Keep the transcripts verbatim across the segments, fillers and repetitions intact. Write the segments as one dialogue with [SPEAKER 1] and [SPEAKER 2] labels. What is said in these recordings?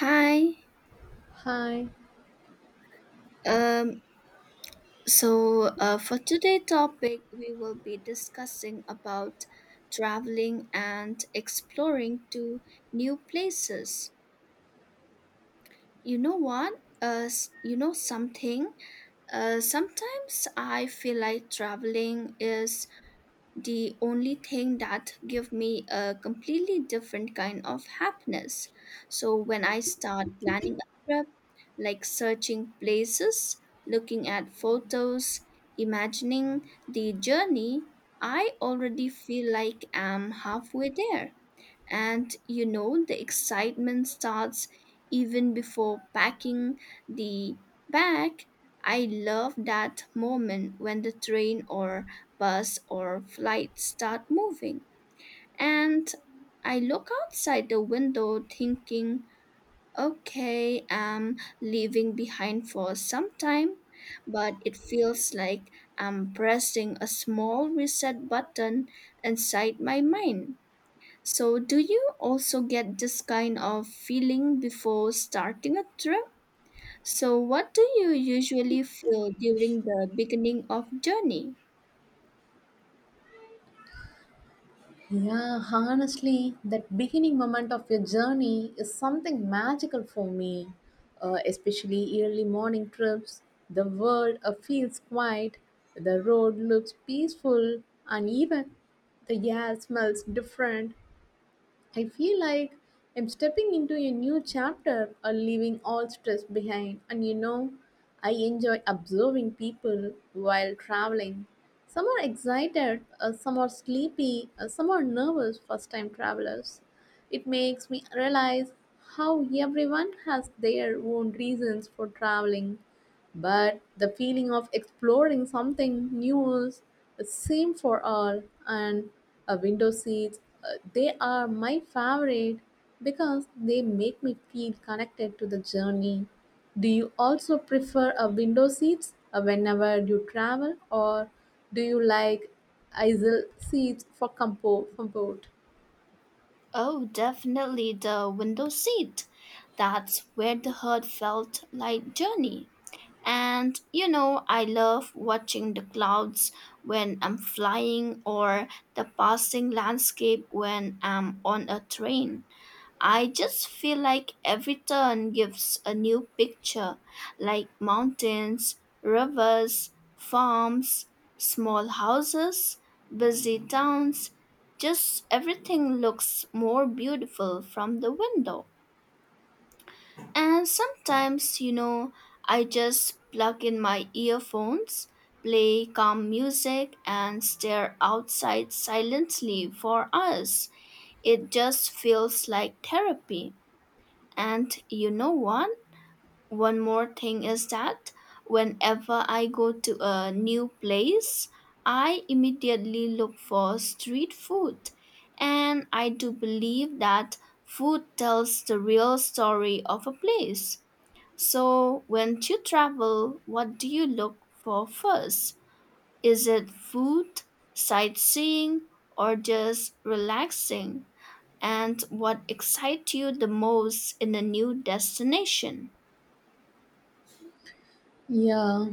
[SPEAKER 1] Hi.
[SPEAKER 2] Hi.
[SPEAKER 1] Um, so uh, for today's topic, we will be discussing about traveling and exploring to new places. You know what? Uh, s- you know something? Uh, sometimes I feel like traveling is the only thing that give me a completely different kind of happiness, so when I start planning a trip, like searching places, looking at photos, imagining the journey, I already feel like I'm halfway there. And you know, the excitement starts even before packing the bag. I love that moment when the train or bus or flight start moving. And I look outside the window thinking, okay, I'm leaving behind for some time, but it feels like I'm pressing a small reset button inside my mind. So, do you also get this kind of feeling before starting a trip? So, what do you usually feel during the beginning of journey?
[SPEAKER 2] Yeah, honestly, that beginning moment of your journey is something magical for me, uh, especially early morning trips. The world uh, feels quiet, the road looks peaceful, and even the air smells different. I feel like I'm stepping into a new chapter or leaving all stress behind. And you know, I enjoy observing people while traveling. Some are excited, uh, some are sleepy, uh, some are nervous first time travelers. It makes me realize how everyone has their own reasons for traveling but the feeling of exploring something new is the same for all, and uh, window seats, uh, they are my favorite because they make me feel connected to the journey. Do you also prefer a window seats uh, whenever you travel, or do you like aisle seats for compo- comfort?
[SPEAKER 1] Oh, definitely the window seat. That's where the herd felt like journey. And you know, I love watching the clouds when I'm flying or the passing landscape when I'm on a train. I just feel like every turn gives a new picture, like mountains, rivers, farms, small houses, busy towns. Just everything looks more beautiful from the window. And sometimes, you know, I just plug in my earphones, play calm music, and stare outside silently for us. It just feels like therapy. And you know what? One more thing is that whenever I go to a new place, I immediately look for street food. And I do believe that food tells the real story of a place. So, when you travel, what do you look for first? Is it food, sightseeing, or just relaxing? And what excites you the most in a new destination?
[SPEAKER 2] Yeah.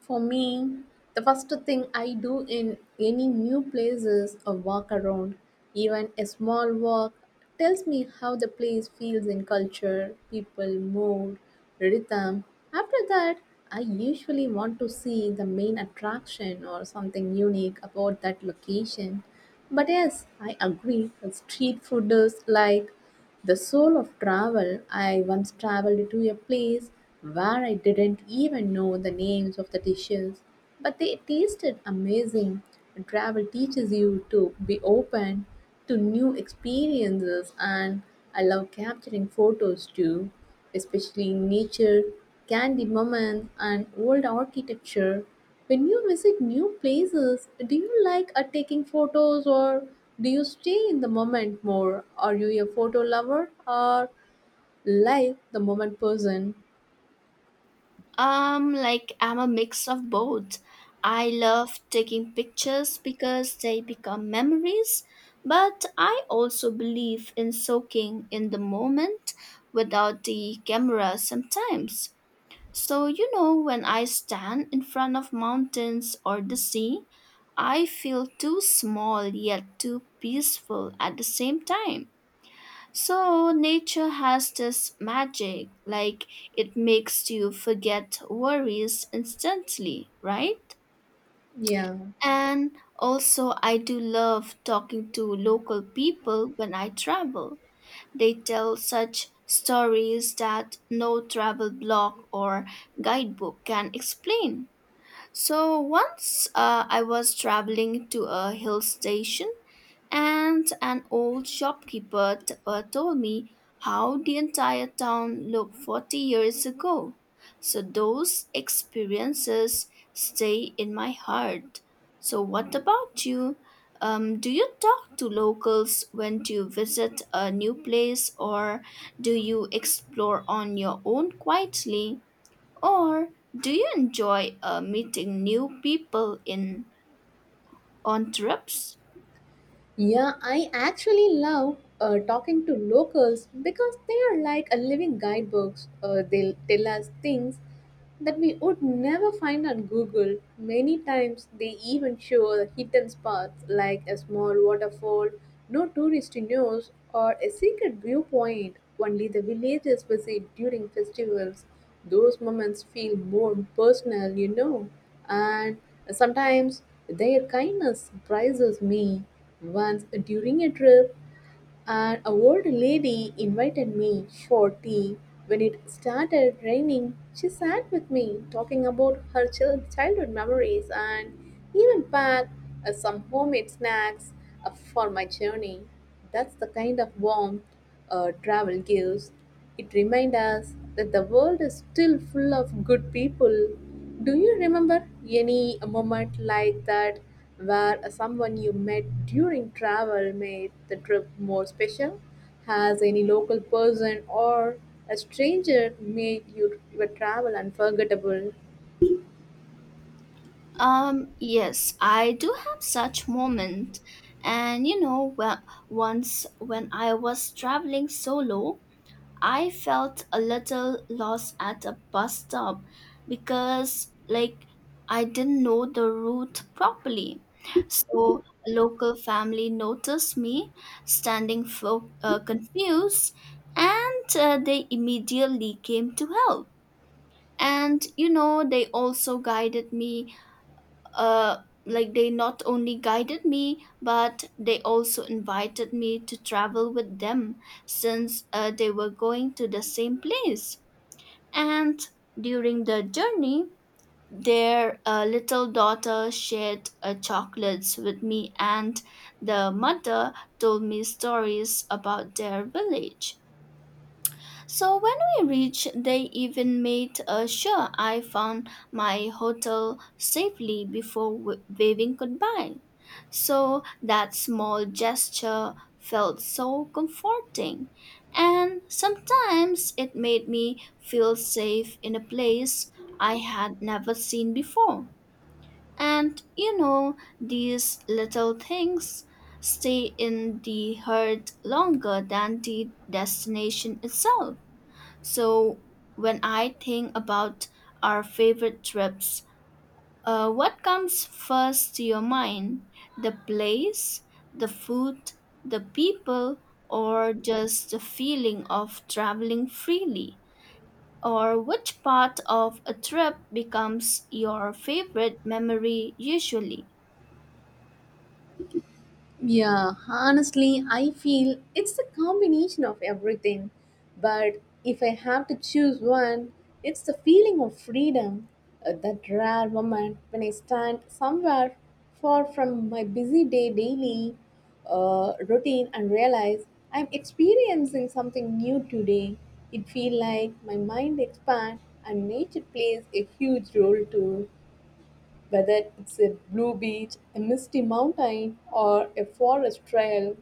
[SPEAKER 2] For me, the first thing I do in any new place is a walk around. Even a small walk tells me how the place feels in culture, people, mood, rhythm. After that, I usually want to see the main attraction or something unique about that location. But yes, I agree, the street food is like the soul of travel. I once traveled to a place where I didn't even know the names of the dishes, but they tasted amazing. Travel teaches you to be open to new experiences, and I love capturing photos too, especially in nature, candy moments, and old architecture. When you visit new places, do you like uh, taking photos or do you stay in the moment more? Are you a photo lover or like the moment person?
[SPEAKER 1] Um, like, I'm a mix of both. I love taking pictures because they become memories, but I also believe in soaking in the moment without the camera sometimes. So, you know, when I stand in front of mountains or the sea, I feel too small yet too peaceful at the same time. So, nature has this magic, like it makes you forget worries instantly, right?
[SPEAKER 2] Yeah.
[SPEAKER 1] And also, I do love talking to local people when I travel. They tell such stories that no travel blog or guidebook can explain. So, once uh, I was traveling to a hill station and an old shopkeeper t- uh, told me how the entire town looked forty years ago. So those experiences stay in my heart. So, what about you? Um, do you talk to locals when you visit a new place, or do you explore on your own quietly, or do you enjoy uh, meeting new people in on trips?
[SPEAKER 2] Yeah, I actually love uh, talking to locals because they are like a living guidebooks. Uh, they'll tell us things that we would never find on Google. Many times they even show the hidden spots like a small waterfall, no tourist knows, or a secret viewpoint only the villagers visit during festivals. Those moments feel more personal, you know, and sometimes their kindness surprises me. Once during a trip, an old lady invited me for tea. When it started raining, she sat with me talking about her chil- childhood memories and even packed uh, some homemade snacks uh, for my journey. That's the kind of warmth uh, travel gives. It reminds us that the world is still full of good people. Do you remember any moment like that where someone you met during travel made the trip more special? Has any local person or a stranger made you, your travel unforgettable?
[SPEAKER 1] Um, yes, I do have such moment. And you know, well, once when I was traveling solo, I felt a little lost at a bus stop because, like, I didn't know the route properly. So a local family noticed me standing fo- uh, confused, and uh, they immediately came to help. And you know, they also guided me uh, like, they not only guided me, but they also invited me to travel with them, since uh, they were going to the same place. And during the journey, their uh, little daughter shared uh, chocolates with me, and the mother told me stories about their village. So when we reached, they even made uh, sure I found my hotel safely before w- waving goodbye. So that small gesture felt so comforting. And sometimes it made me feel safe in a place I had never seen before. And you know, these little things stay in the heart longer than the destination itself. So, when I think about our favorite trips, uh, what comes first to your mind? The place, the food, the people, or just the feeling of traveling freely? Or which part of a trip becomes your favorite memory usually?
[SPEAKER 2] Yeah, honestly, I feel it's a combination of everything. But if I have to choose one, it's the feeling of freedom. Uh, that rare moment when I stand somewhere far from my busy day daily uh, routine and realize I'm experiencing something new today. It feels like my mind expands and nature plays a huge role too. Whether it's a blue beach, a misty mountain, or a forest trail,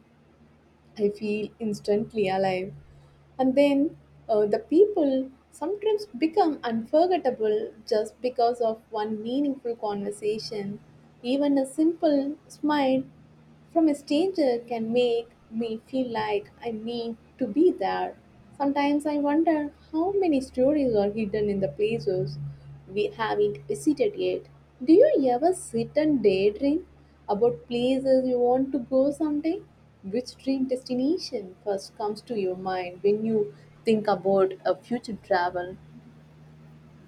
[SPEAKER 2] I feel instantly alive. And then uh, the people sometimes become unforgettable just because of one meaningful conversation. Even a simple smile from a stranger can make me feel like I need to be there. Sometimes I wonder how many stories are hidden in the places we haven't visited yet. Do you ever sit and daydream about places you want to go someday? Which dream destination first comes to your mind when you think about a future travel?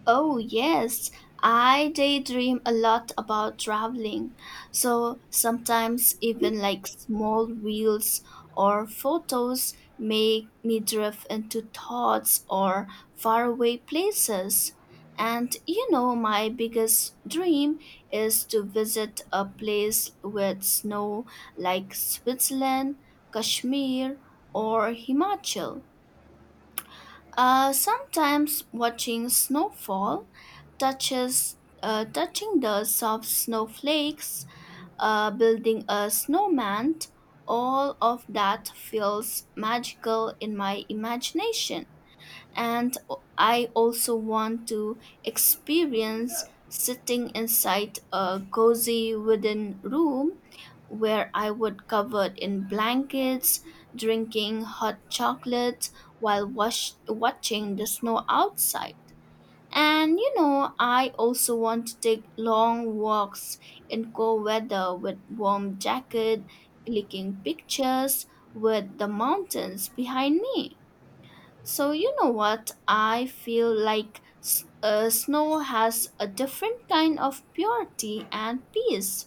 [SPEAKER 1] Oh, yes, I daydream a lot about traveling. So sometimes even like small reels or photos make me drift into thoughts or faraway places. And you know, my biggest dream is to visit a place with snow, like Switzerland, Kashmir, or Himachal. Uh, sometimes watching snowfall touches uh, touching the soft snowflakes, uh, building a snowman, all of that feels magical in my imagination. And I also want to experience sitting inside a cozy wooden room where I would covered in blankets, drinking hot chocolate while wash- watching the snow outside. And you know, I also want to take long walks in cold weather with warm jacket, clicking pictures with the mountains behind me. So, you know what? I feel like s- uh, snow has a different kind of purity and peace.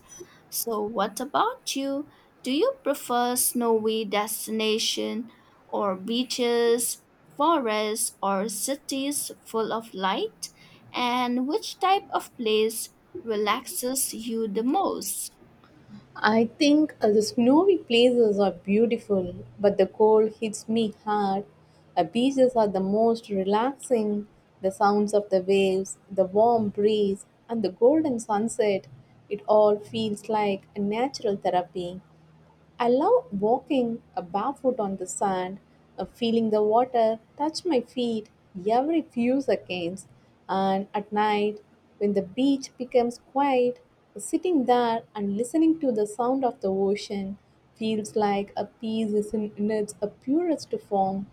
[SPEAKER 1] So, what about you? Do you prefer snowy destination or beaches, forests, or cities full of light? And which type of place relaxes you the most?
[SPEAKER 2] I think uh, the snowy places are beautiful, but the cold hits me hard. Uh, beaches are the most relaxing. The sounds of the waves, the warm breeze, and the golden sunset, it all feels like a natural therapy. I love walking uh, barefoot on the sand, uh, feeling the water touch my feet every few seconds. And at night, when the beach becomes quiet, sitting there and listening to the sound of the ocean feels like a peace is in, in its uh, purest form.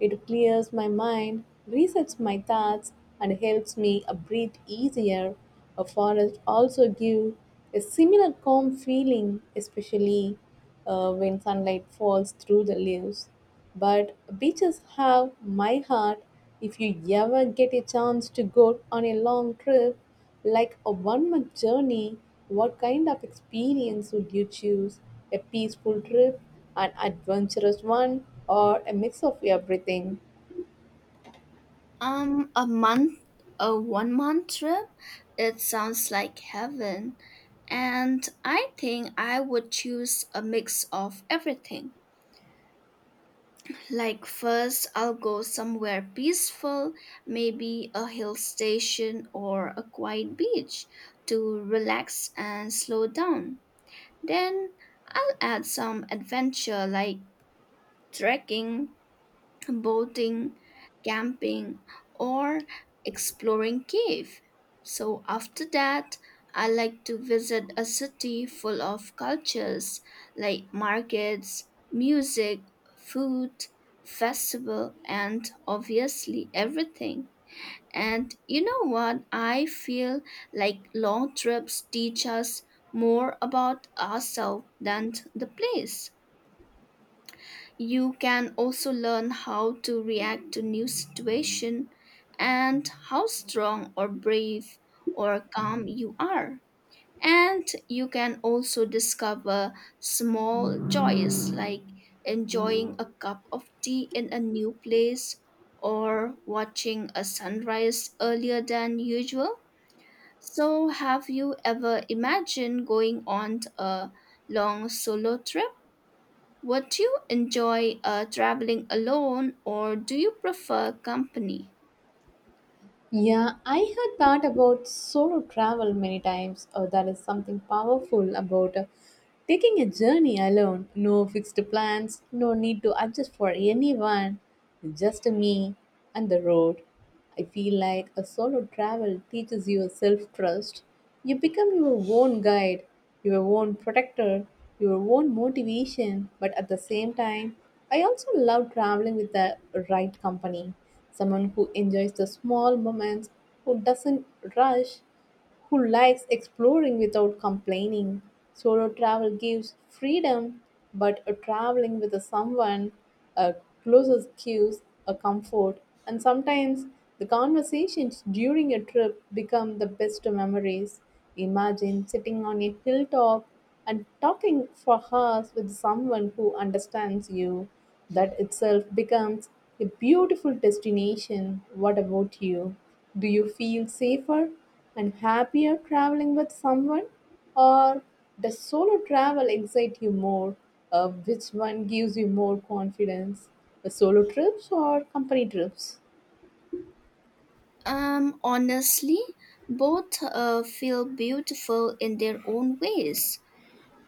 [SPEAKER 2] It clears my mind, resets my thoughts, and helps me uh, breathe easier. A forest also gives a similar calm feeling, especially uh, when sunlight falls through the leaves. But beaches have my heart. If you ever get a chance to go on a long trip, like a one month journey, what kind of experience would you choose? A peaceful trip, an adventurous one, or a mix of everything?
[SPEAKER 1] Um, a month, a one month trip? It sounds like heaven. And I think I would choose a mix of everything. Like, first, I'll go somewhere peaceful, maybe a hill station or a quiet beach to relax and slow down. Then, I'll add some adventure like trekking, boating, camping, or exploring cave. So after that, I like to visit a city full of cultures like markets, music, food, festival, and obviously everything. And you know what? I feel like long trips teach us more about ourselves than the place. You can also learn how to react to new situation, and how strong or brave or calm you are. And you can also discover small joys like enjoying a cup of tea in a new place or watching a sunrise earlier than usual. So, have you ever imagined going on a long solo trip? Would you enjoy uh, traveling alone, or do you prefer company?
[SPEAKER 2] Yeah, I had thought about solo travel many times. Oh, that is something powerful about uh, taking a journey alone. No fixed plans, no need to adjust for anyone, just me and the road. I feel like a solo travel teaches you self trust. You become your own guide, your own protector, your own motivation, but at the same time, I also love traveling with the right company someone who enjoys the small moments, who doesn't rush, who likes exploring without complaining. Solo travel gives freedom, but a traveling with a someone a closes gives a comfort, and sometimes the conversations during a trip become the best memories. Imagine sitting on a hilltop and talking for hours with someone who understands you, that itself becomes a beautiful destination. What about you? Do you feel safer and happier traveling with someone? Or does solo travel excite you more? Uh, which one gives you more confidence? The solo trips or company trips?
[SPEAKER 1] Um, honestly, both uh, feel beautiful in their own ways.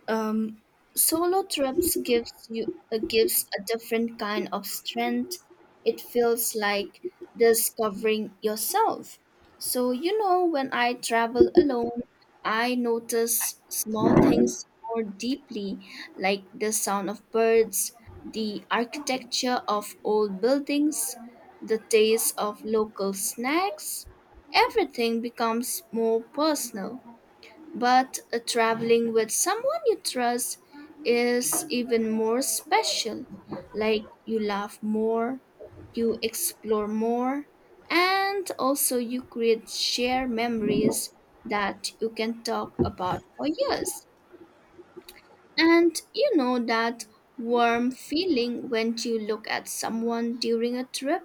[SPEAKER 1] Um, Solo trips gives you uh, gives a different kind of strength. It feels like discovering yourself. So you know, when I travel alone, I notice small things more deeply, like the sound of birds, the architecture of old buildings, the taste of local snacks. Everything becomes more personal. But uh, traveling with someone you trust is even more special. Like, you laugh more, you explore more, and also you create shared memories that you can talk about for years. And you know that warm feeling when you look at someone during a trip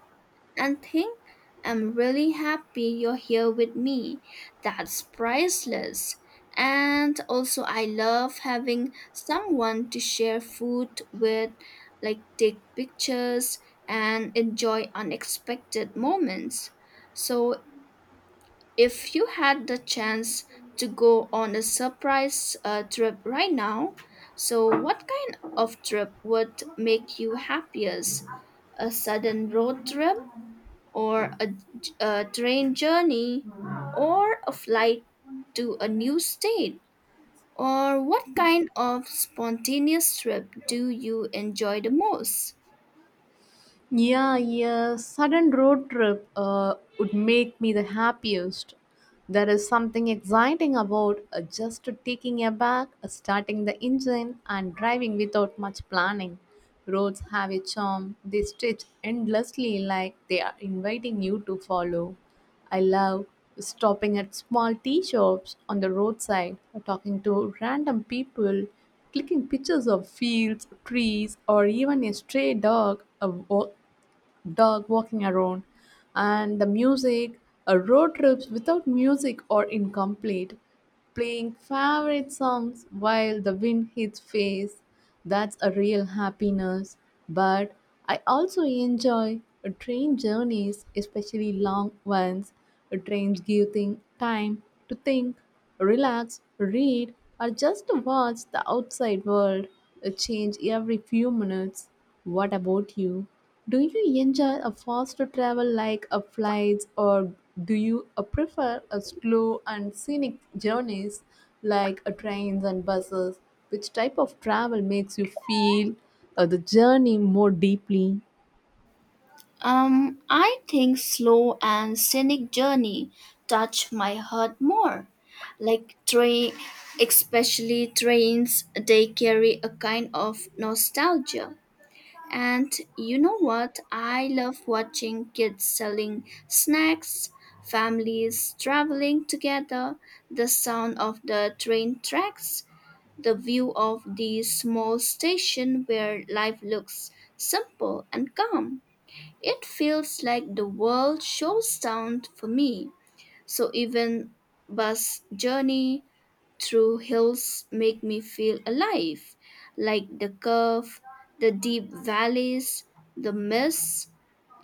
[SPEAKER 1] and think, I'm really happy you're here with me. That's priceless. And also, I love having someone to share food with, like take pictures and enjoy unexpected moments. So, if you had the chance to go on a surprise uh, trip right now, so what kind of trip would make you happiest? A sudden road trip, or a, j- a train journey, or a flight to a new state? Or what kind of spontaneous trip do you enjoy the most?
[SPEAKER 2] Yeah, yeah. Sudden road trip uh, would make me the happiest. There is something exciting about uh, just taking a back, uh, starting the engine, and driving without much planning. Roads have a charm. They stretch endlessly like they are inviting you to follow. I love stopping at small tea shops on the roadside, or talking to random people, clicking pictures of fields, trees, or even a stray dog. uh, wa- dog walking around, and the music. A road trips without music are incomplete. Playing favorite songs while the wind hits face, that's a real happiness. But I also enjoy uh, train journeys, especially long ones. Uh, Trains give thing time to think, relax, read, or just to watch the outside world uh, change every few minutes. What about you? Do you enjoy a faster travel like a flights or do you uh, prefer a slow and scenic journeys like a trains and buses? Which type of travel makes you feel uh, the journey more deeply?
[SPEAKER 1] Um, I think slow and scenic journey touch my heart more. Like train, especially trains, they carry a kind of nostalgia. And you know what? I love watching kids selling snacks, families traveling together, the sound of the train tracks, the view of the small station where life looks simple and calm. It feels like the world shows down for me, so even bus journey through hills make me feel alive, like the curve, the deep valleys, the mist,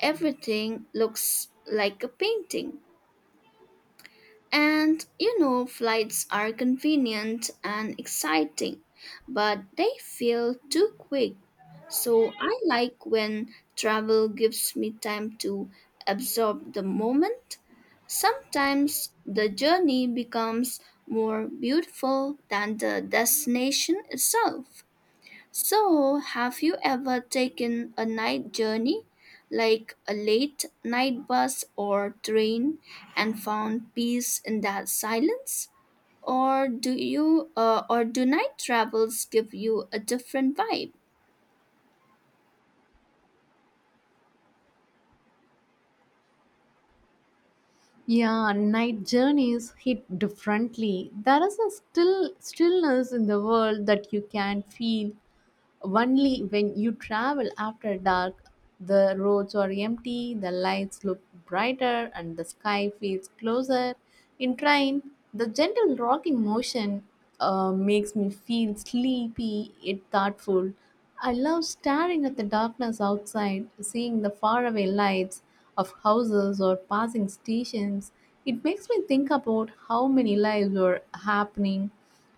[SPEAKER 1] everything looks like a painting. And you know, flights are convenient and exciting, but they feel too quick. So I like when travel gives me time to absorb the moment. Sometimes the journey becomes more beautiful than the destination itself. So, have you ever taken a night journey, like a late night bus or train, and found peace in that silence? Or do you, uh, or do night travels give you a different vibe?
[SPEAKER 2] Yeah, night journeys hit differently. There is a still stillness in the world that you can feel only when you travel after dark, the roads are empty, the lights look brighter, and the sky feels closer. In train, the gentle rocking motion uh, makes me feel sleepy yet thoughtful. I love staring at the darkness outside, seeing the faraway lights of houses or passing stations. It makes me think about how many lives are happening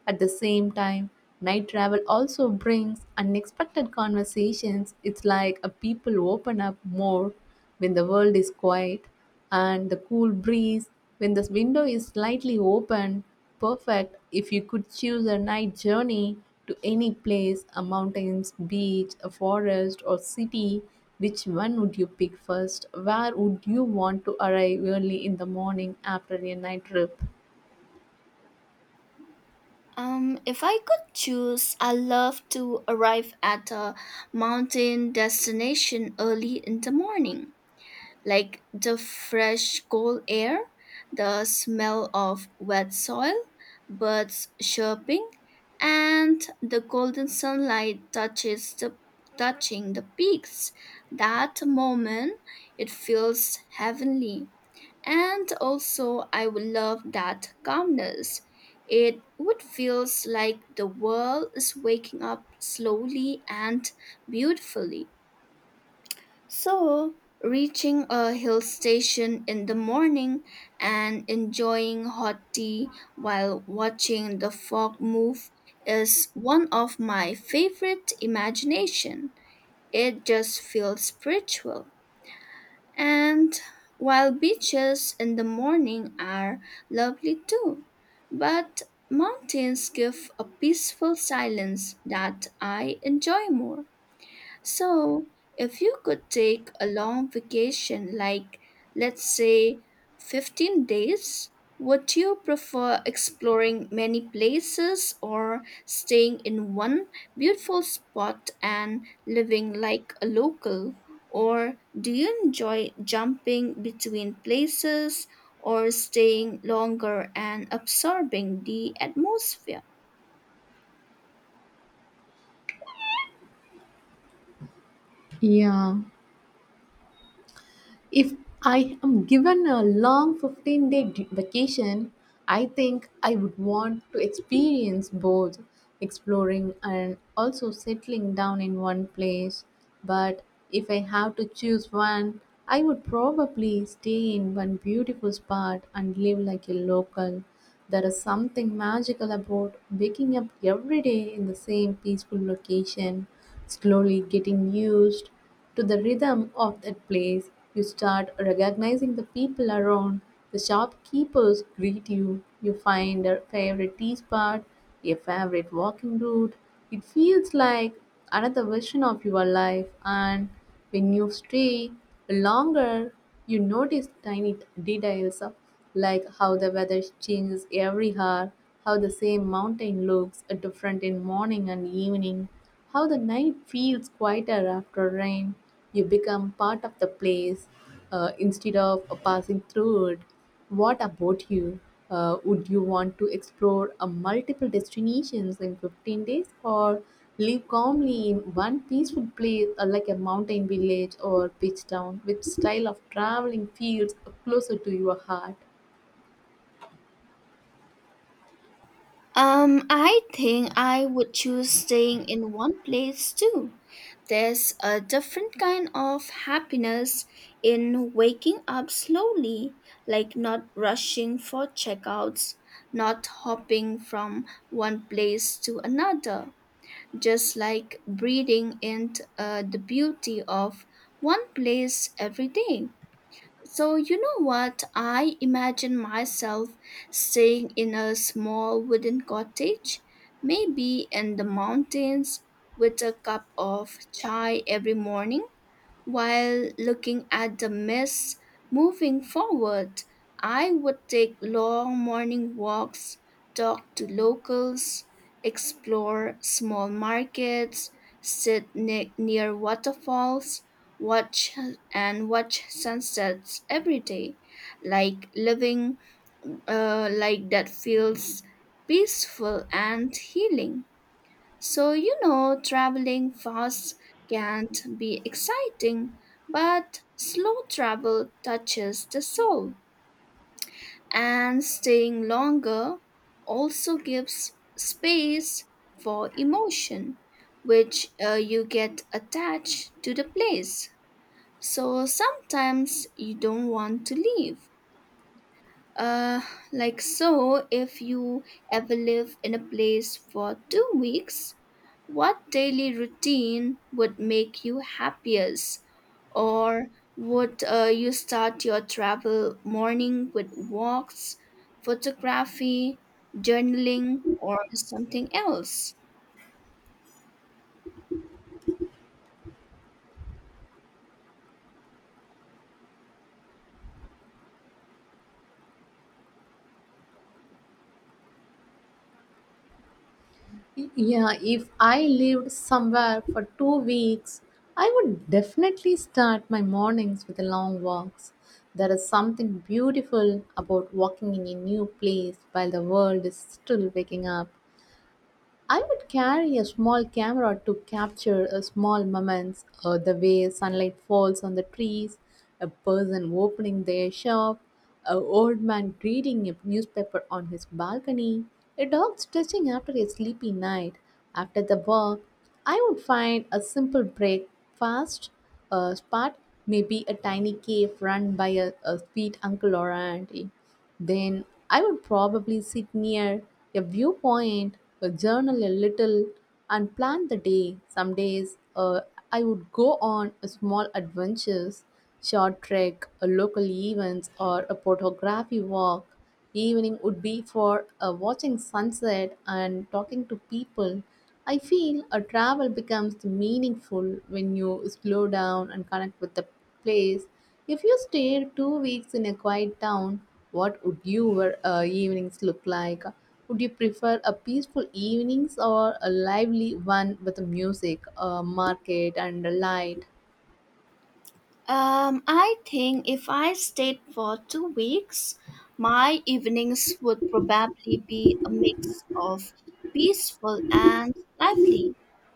[SPEAKER 2] at the same time, night travel also brings unexpected conversations. It's like a people open up more when the world is quiet and the cool breeze when the window is slightly open. Perfect if you could choose a night journey to any place, a mountains, beach, a forest or city. Which one would you pick first? Where would you want to arrive early in the morning after a night trip?
[SPEAKER 1] Um, if I could choose, I love to arrive at a mountain destination early in the morning, like the fresh cold air, the smell of wet soil, birds chirping, and the golden sunlight touches the touching the peaks. That moment it feels heavenly. And also I would love that calmness. It would feels like the world is waking up slowly and beautifully. So, reaching a hill station in the morning and enjoying hot tea while watching the fog move is one of my favorite imagination. It just feels spiritual. And while beaches in the morning are lovely too, but mountains give a peaceful silence that I enjoy more. So, if you could take a long vacation, like let's say fifteen days, would you prefer exploring many places or staying in one beautiful spot and living like a local? Or do you enjoy jumping between places or staying longer and absorbing the atmosphere?
[SPEAKER 2] Yeah, if I am given a long fifteen day d- vacation, I think I would want to experience both exploring and also settling down in one place. But if I have to choose one, I would probably stay in one beautiful spot and live like a local. There is something magical about waking up every day in the same peaceful location, slowly getting used to the rhythm of that place. You start recognizing the people around. The shopkeepers greet you. You find a favorite tea spot, a favorite walking route. It feels like another version of your life, and when you stay longer, you notice tiny details like how the weather changes every hour, how the same mountain looks different in morning and evening, how the night feels quieter after rain. You become part of the place uh, instead of uh, passing through it. What about you? Uh, would you want to explore uh, multiple destinations in fifteen days or live calmly in one peaceful place uh, like a mountain village or beach town? Which style of traveling feels closer to your heart?
[SPEAKER 1] Um, I think I would choose staying in one place too. There's a different kind of happiness in waking up slowly, like not rushing for checkouts, not hopping from one place to another, just like breathing in uh, the beauty of one place every day. So, you know what? I imagine myself staying in a small wooden cottage, maybe in the mountains, with a cup of chai every morning while looking at the mist moving forward, I would take long morning walks, talk to locals, explore small markets, sit ne- near waterfalls, watch and watch sunsets every day. Like living uh, like that feels peaceful and healing. So, you know, traveling fast can be exciting, but slow travel touches the soul. And staying longer also gives space for emotion, which uh, you get attached to the place. So sometimes you don't want to leave. Uh, like, so, if you ever live in a place for two weeks, what daily routine would make you happiest? Or would uh, you start your travel morning with walks, photography, journaling, or something else?
[SPEAKER 2] Yeah, if I lived somewhere for two weeks, I would definitely start my mornings with long walks. There is something beautiful about walking in a new place while the world is still waking up. I would carry a small camera to capture uh, small moments, uh, the way sunlight falls on the trees, a person opening their shop, an old man reading a newspaper on his balcony, a dog stretching after a sleepy night. After the walk, I would find a simple breakfast uh, spot, maybe a tiny cave run by a, a sweet uncle or auntie. Then I would probably sit near a viewpoint, a journal a little, and plan the day. Some days uh, I would go on a small adventures, short trek, a local events, or a photography walk evening would be for uh, watching sunset and talking to people. I feel a travel becomes meaningful when you slow down and connect with the place. If you stayed two weeks in a quiet town, what would your uh, evenings look like? Would you prefer a peaceful evenings or a lively one with music, a market, and a light?
[SPEAKER 1] Um, I think if I stayed for two weeks, my evenings would probably be a mix of peaceful and lively.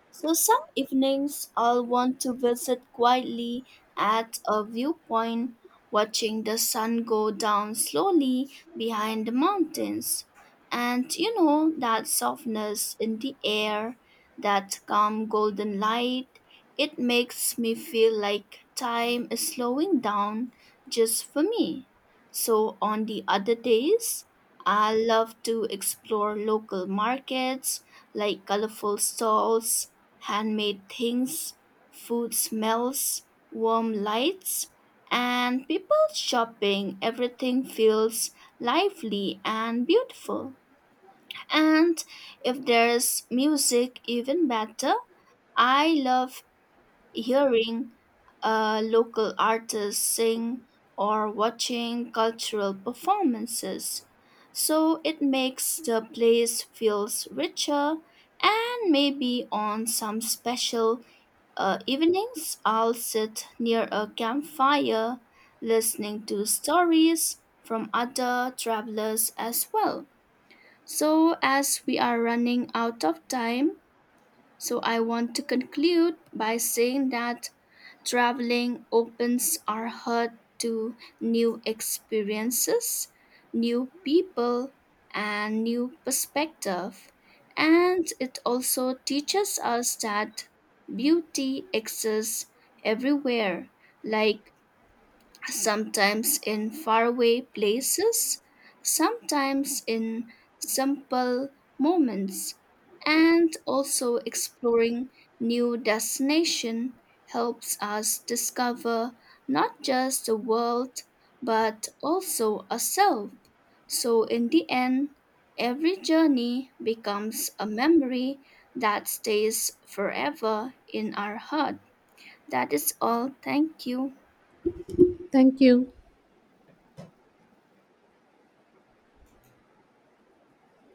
[SPEAKER 1] So some evenings I'll want to visit quietly at a viewpoint, watching the sun go down slowly behind the mountains. And you know, that softness in the air, that calm golden light, it makes me feel like time is slowing down just for me. So on the other days, I love to explore local markets like colorful stalls, handmade things, food smells, warm lights, and people shopping. Everything feels lively and beautiful. And if there's music, even better. I love hearing a local artist sing or watching cultural performances. So it makes the place feels richer. And maybe on some special uh, evenings, I'll sit near a campfire listening to stories from other travelers as well. So, as we are running out of time, so I want to conclude by saying that traveling opens our heart to new experiences, new people, and new perspective. And it also teaches us that beauty exists everywhere, like sometimes in faraway places, sometimes in simple moments, and also exploring new destination helps us discover not just the world but also ourselves. So in the end, every journey becomes a memory that stays forever in our heart. That is all. Thank you.
[SPEAKER 2] Thank you.